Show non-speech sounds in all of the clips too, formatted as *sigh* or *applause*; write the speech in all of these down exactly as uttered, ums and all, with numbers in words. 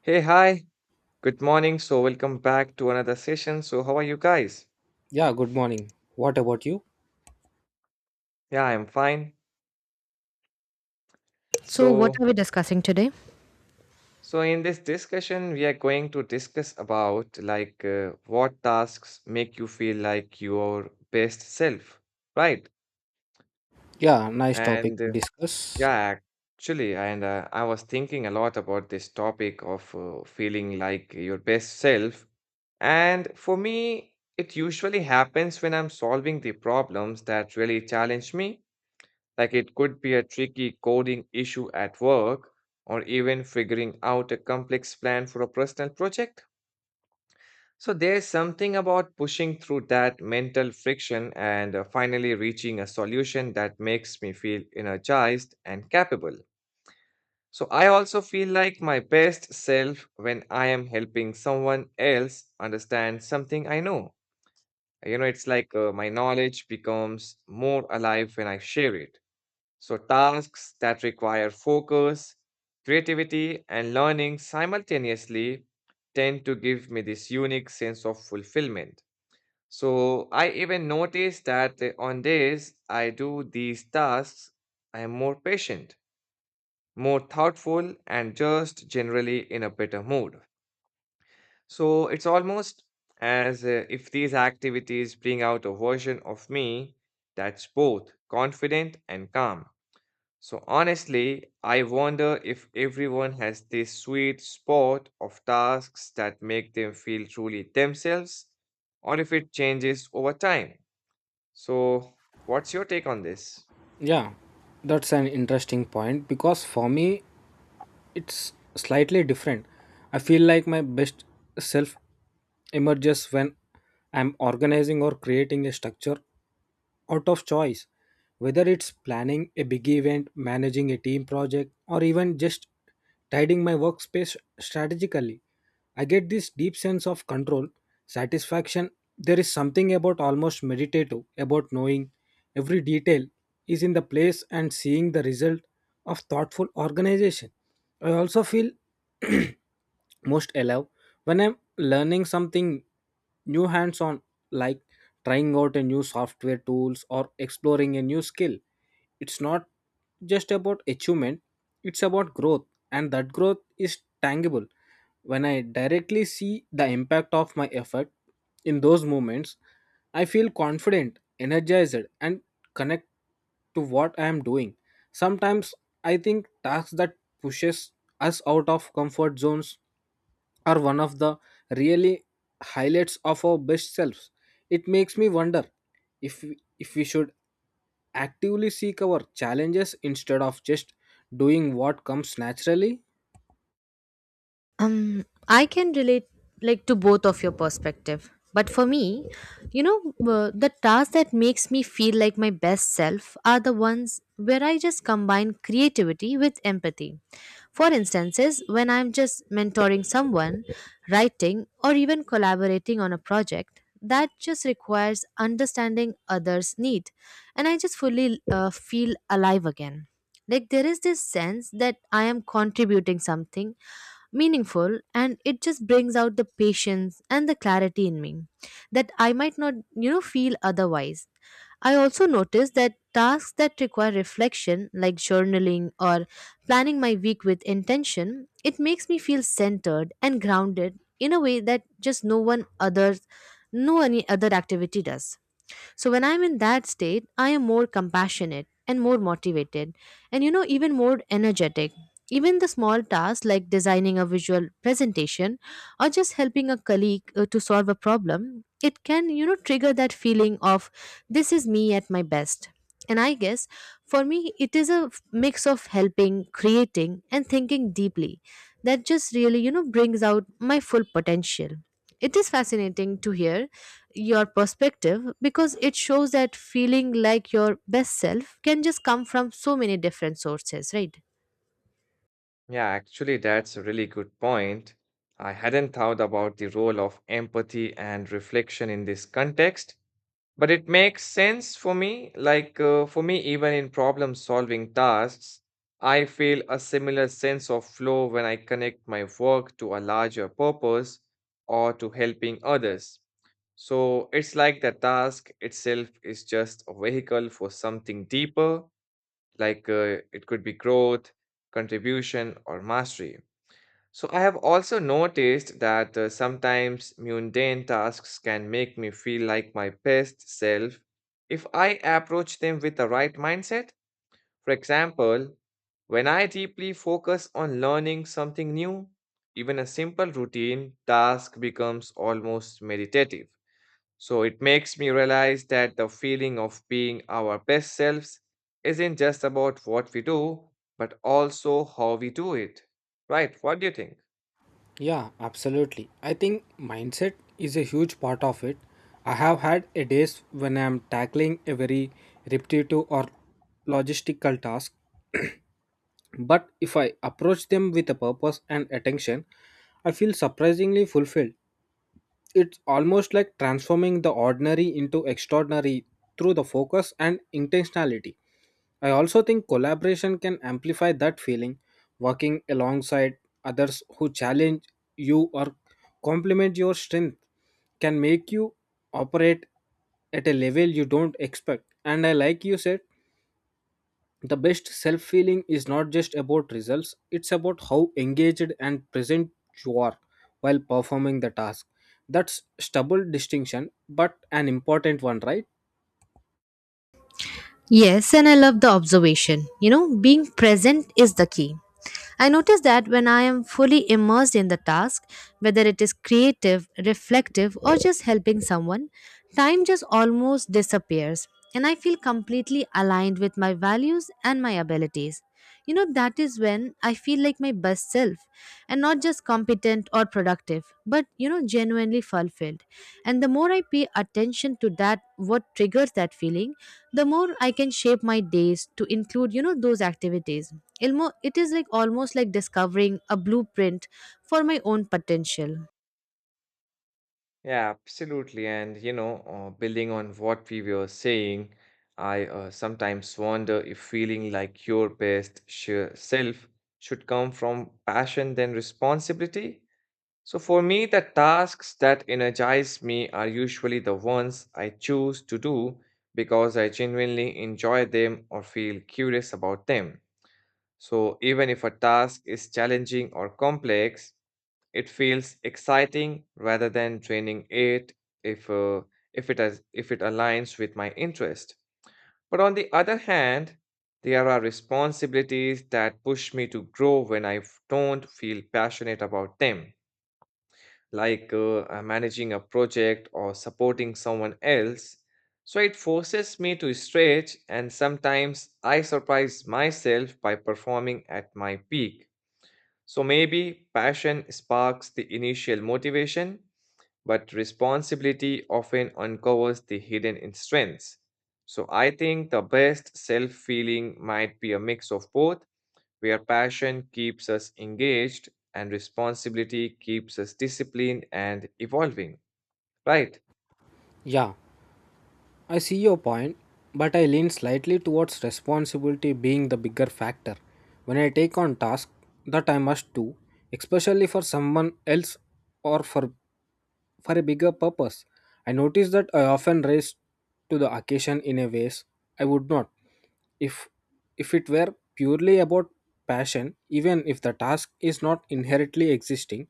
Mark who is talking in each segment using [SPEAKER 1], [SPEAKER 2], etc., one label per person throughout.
[SPEAKER 1] Hey, hi. Good morning. So, welcome back to another session. So, how are you guys?
[SPEAKER 2] Yeah, good morning. What about you?
[SPEAKER 1] Yeah, I'm fine.
[SPEAKER 3] So, what
[SPEAKER 1] So,
[SPEAKER 3] are we discussing today?
[SPEAKER 1] so in this discussion, we are going to discuss about like uh, what tasks make you feel like your best self, right?
[SPEAKER 2] Yeah, nice topic
[SPEAKER 1] And uh,
[SPEAKER 2] to discuss.
[SPEAKER 1] yeah, actually, and uh, I was thinking a lot about this topic of uh, feeling like your best self. And for me, it usually happens when I'm solving the problems that really challenge me. Like, it could be a tricky coding issue at work or even figuring out a complex plan for a personal project. So there's something about pushing through that mental friction and uh, finally reaching a solution that makes me feel energized and capable. So I also feel like my best self when I am helping someone else understand something I know. You know, it's like uh, my knowledge becomes more alive when I share it. So, tasks that require focus, creativity, and learning simultaneously tend to give me this unique sense of fulfillment. So, I even notice that uh, on days I do these tasks, I am more patient, more thoughtful, and just generally in a better mood. So, it's almost as uh, if these activities bring out a version of me that's both confident and calm. So honestly, I wonder if everyone has this sweet spot of tasks that make them feel truly themselves, or if it changes over time. So, what's your take on this?
[SPEAKER 2] Yeah, that's an interesting point because for me, it's slightly different. I feel like my best self emerges when I'm organizing or creating a structure out of choice. Whether it's planning a big event, managing a team project, or even just tidying my workspace strategically, I get this deep sense of control, satisfaction. There is something about almost meditative about knowing every detail is in the place and seeing the result of thoughtful organization. I also feel *clears throat* most allow when I'm learning something new hands on, like trying out a new software tools or exploring a new skill. It's not just about achievement, it's about growth, and that growth is tangible when I directly see the impact of my effort. In those moments I feel confident, energized, and connect to what I am doing. Sometimes I think tasks that pushes us out of comfort zones are one of the really highlights of our best selves. It makes me wonder if we- if we should actively seek our challenges instead of just doing what comes naturally?
[SPEAKER 3] Um, I can relate like to both of your perspective. But for me, you know, uh, the tasks that makes me feel like my best self are the ones where I just combine creativity with empathy. For instances, when I'm just mentoring someone, writing, or even collaborating on a project, that just requires understanding others' need, and I just fully uh, feel alive again. Like there is this sense that I am contributing something meaningful and it just brings out the patience and the clarity in me that I might not, you know, feel otherwise. I also noticed that tasks that require reflection, like journaling or planning my week with intention, it makes me feel centered and grounded in a way that just no one others, no any other activity does. So when I'm in that state, I am more compassionate and more motivated and you know even more energetic. Even the small tasks like designing a visual presentation or just helping a colleague uh, to solve a problem, it can you know trigger that feeling of this is me at my best. And I guess for me it is a f- mix of helping, creating and thinking deeply that just really you know brings out my full potential. It is fascinating to hear your perspective because it shows that feeling like your best self can just come from so many different sources, right?
[SPEAKER 1] Yeah, actually, that's a really good point. I hadn't thought about the role of empathy and reflection in this context. But it makes sense for me, like uh, for me, even in problem solving tasks, I feel a similar sense of flow when I connect my work to a larger purpose or to helping others. So it's like the task itself is just a vehicle for something deeper, like uh, it could be growth, contribution, or mastery. So I have also noticed that uh, sometimes mundane tasks can make me feel like my best self if I approach them with the right mindset. For example, when I deeply focus on learning something new, even a simple routine task becomes almost meditative. So it makes me realize that the feeling of being our best selves isn't just about what we do, but also how we do it. Right? What do you think?
[SPEAKER 2] Yeah, absolutely. I think mindset is a huge part of it. I have had a days when I am tackling a very repetitive or logistical task. *clears throat* But if I approach them with a purpose and attention, I feel surprisingly fulfilled. It's almost like transforming the ordinary into extraordinary through the focus and intentionality. I also think collaboration can amplify that feeling. Working alongside others who challenge you or complement your strength can make you operate at a level you don't expect. And I like you said, the best self feeling is not just about results, it's about how engaged and present you are while performing the task. That's stubble distinction but an important one, right?
[SPEAKER 3] Yes, and I love the observation. You know, being present is the key. I notice that when I am fully immersed in the task, whether it is creative, reflective, or just helping someone, time just almost disappears and I feel completely aligned with my values and my abilities. You know, that is when I feel like my best self and not just competent or productive, but you know, genuinely fulfilled. And the more I pay attention to that, what triggers that feeling, the more I can shape my days to include, you know, those activities. Ilmo, it is like almost like discovering a blueprint for my own potential.
[SPEAKER 1] Yeah, absolutely. And, you know, uh, building on what we were saying, I uh, sometimes wonder if feeling like your best sure self should come from passion than responsibility. So for me, the tasks that energize me are usually the ones I choose to do because I genuinely enjoy them or feel curious about them. So even if a task is challenging or complex, it feels exciting rather than draining it if uh, if it has, if it aligns with my interest. But on the other hand, there are responsibilities that push me to grow when I f- don't feel passionate about them, like uh, uh, managing a project or supporting someone else. So it forces me to stretch, and sometimes I surprise myself by performing at my peak. So maybe passion sparks the initial motivation, but responsibility often uncovers the hidden strengths. So I think the best self feeling might be a mix of both, where passion keeps us engaged and responsibility keeps us disciplined and evolving, right?
[SPEAKER 2] Yeah, I see your point, but I lean slightly towards responsibility being the bigger factor. When I take on tasks that I must do, especially for someone else or for for a bigger purpose, I notice that I often race to the occasion in a ways I would not if if it were purely about passion. Even if the task is not inherently existing,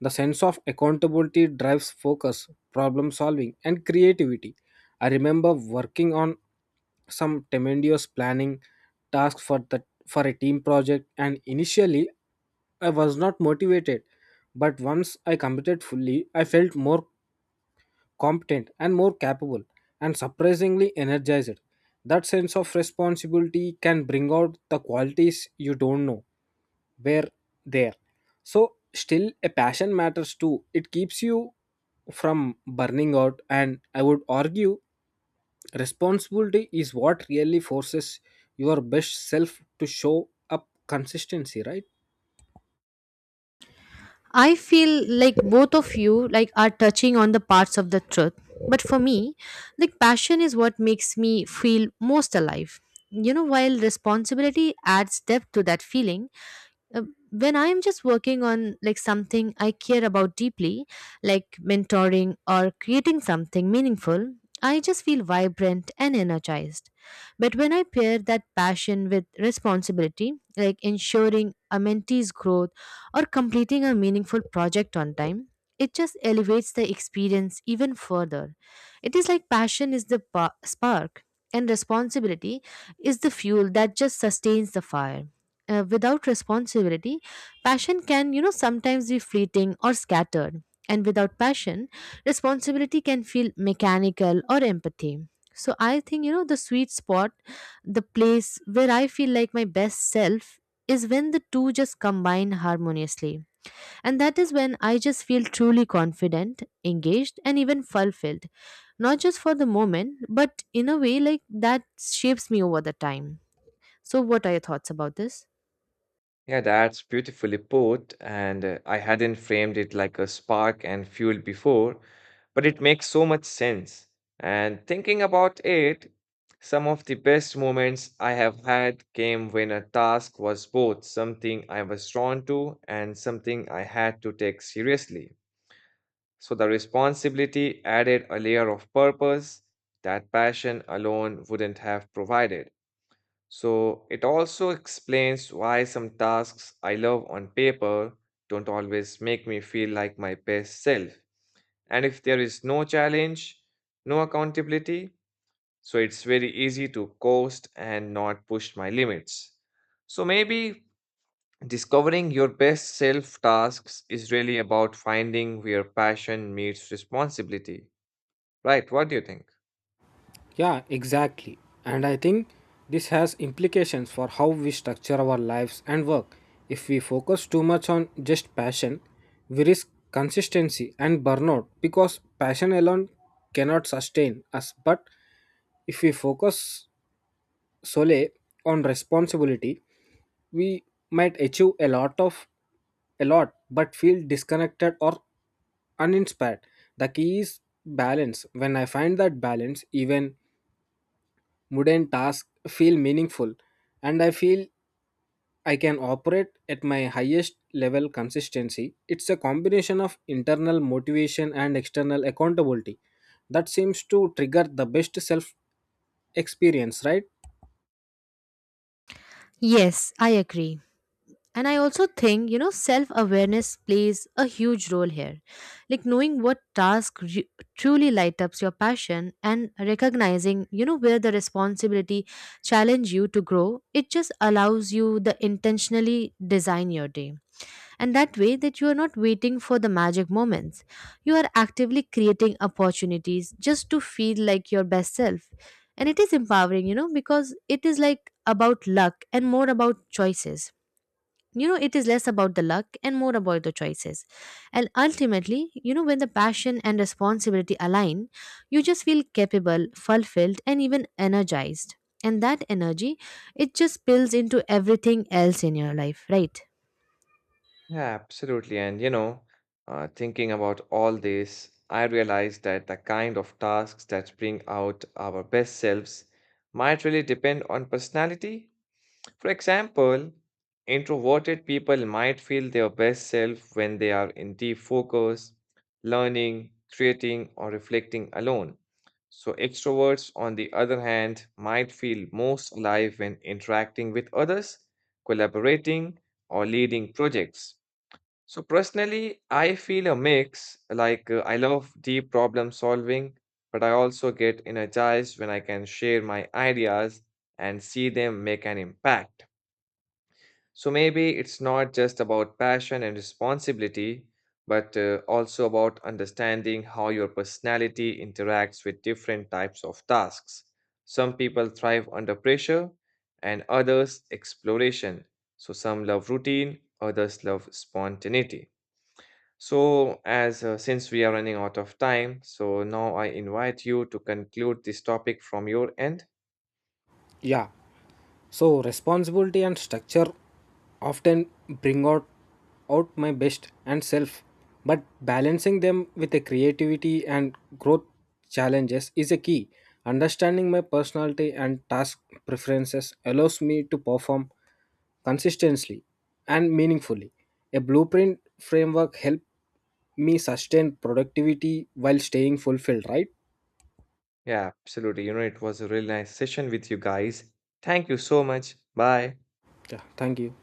[SPEAKER 2] the sense of accountability drives focus, problem solving, and creativity. I remember working on some tremendous planning task for the for a team project, and initially I was not motivated, but once I committed fully, I felt more competent and more capable and surprisingly energized. That sense of responsibility can bring out the qualities you don't know were there. So still, a passion matters too. It keeps you from burning out, and I would argue responsibility is what really forces your best self to show up consistency, right?
[SPEAKER 3] I feel like both of you like are touching on the parts of the truth, but for me, like passion is what makes me feel most alive. You know, while responsibility adds depth to that feeling, uh, when I am just working on like something I care about deeply, like mentoring or creating something meaningful, I just feel vibrant and energized. But when I pair that passion with responsibility, like ensuring a mentee's growth or completing a meaningful project on time, it just elevates the experience even further. It is like passion is the pa- spark and responsibility is the fuel that just sustains the fire. Uh, without responsibility, passion can, you know, sometimes be fleeting or scattered. And without passion, responsibility can feel mechanical or empathy. So I think, you know, the sweet spot, the place where I feel like my best self is when the two just combine harmoniously. And that is when I just feel truly confident, engaged, and even fulfilled. Not just for the moment, but in a way like that shapes me over the time. So, what are your thoughts about this?
[SPEAKER 1] Yeah, that's beautifully put, and uh, I hadn't framed it like a spark and fuel before, but it makes so much sense. And thinking about it, some of the best moments I have had came when a task was both something I was drawn to and something I had to take seriously. So the responsibility added a layer of purpose that passion alone wouldn't have provided. So it also explains why some tasks I love on paper don't always make me feel like my best self. And if there is no challenge, no accountability, so it's very easy to coast and not push my limits. So maybe discovering your best self tasks is really about finding where passion meets responsibility. Right? What do you think?
[SPEAKER 2] Yeah, exactly. And I think this has implications for how we structure our lives and work. If we focus too much on just passion, we risk consistency and burnout because passion alone cannot sustain us. But if we focus solely on responsibility, we might achieve a lot of a lot but feel disconnected or uninspired. The key is balance. When I find that balance, even mundane tasks feel meaningful and I feel I can operate at my highest level consistency. It's a combination of internal motivation and external accountability that seems to trigger the best self experience, right?
[SPEAKER 3] Yes, I agree. And I also think, you know, self awareness plays a huge role here. Like knowing what task re- truly light ups your passion and recognizing, you know, where the responsibility challenge you to grow, it just allows you the intentionally design your day and that way that you are not waiting for the magic moments. You are actively creating opportunities just to feel like your best self. And it is empowering, you know, because it is like about luck and more about choices. You know, it is less about the luck and more about the choices. And ultimately, you know, when the passion and responsibility align, you just feel capable, fulfilled and even energized. And that energy, it just spills into everything else in your life, right?
[SPEAKER 1] Yeah, absolutely. And you know, uh, thinking about all this, I realized that the kind of tasks that bring out our best selves might really depend on personality. For example, introverted people might feel their best self when they are in deep focus, learning, creating, or reflecting alone. So, extroverts, on the other hand, might feel most alive when interacting with others, collaborating, or leading projects. So personally, I feel a mix. Like uh, I love deep problem solving, but I also get energized when I can share my ideas and see them make an impact. So maybe it's not just about passion and responsibility, but uh, also about understanding how your personality interacts with different types of tasks. Some people thrive under pressure and others exploration. So some love routine, others love spontaneity. So, as uh, since we are running out of time, so now I invite you to conclude this topic from your end.
[SPEAKER 2] Yeah. So, responsibility and structure often bring out, out my best and self, but balancing them with a creativity and growth challenges is a key. Understanding my personality and task preferences allows me to perform consistently and meaningfully. A blueprint framework helps me sustain productivity while staying fulfilled, right?
[SPEAKER 1] Yeah, absolutely. You know, it was a really nice session with you guys. Thank you so much. Bye.
[SPEAKER 2] Yeah, thank you.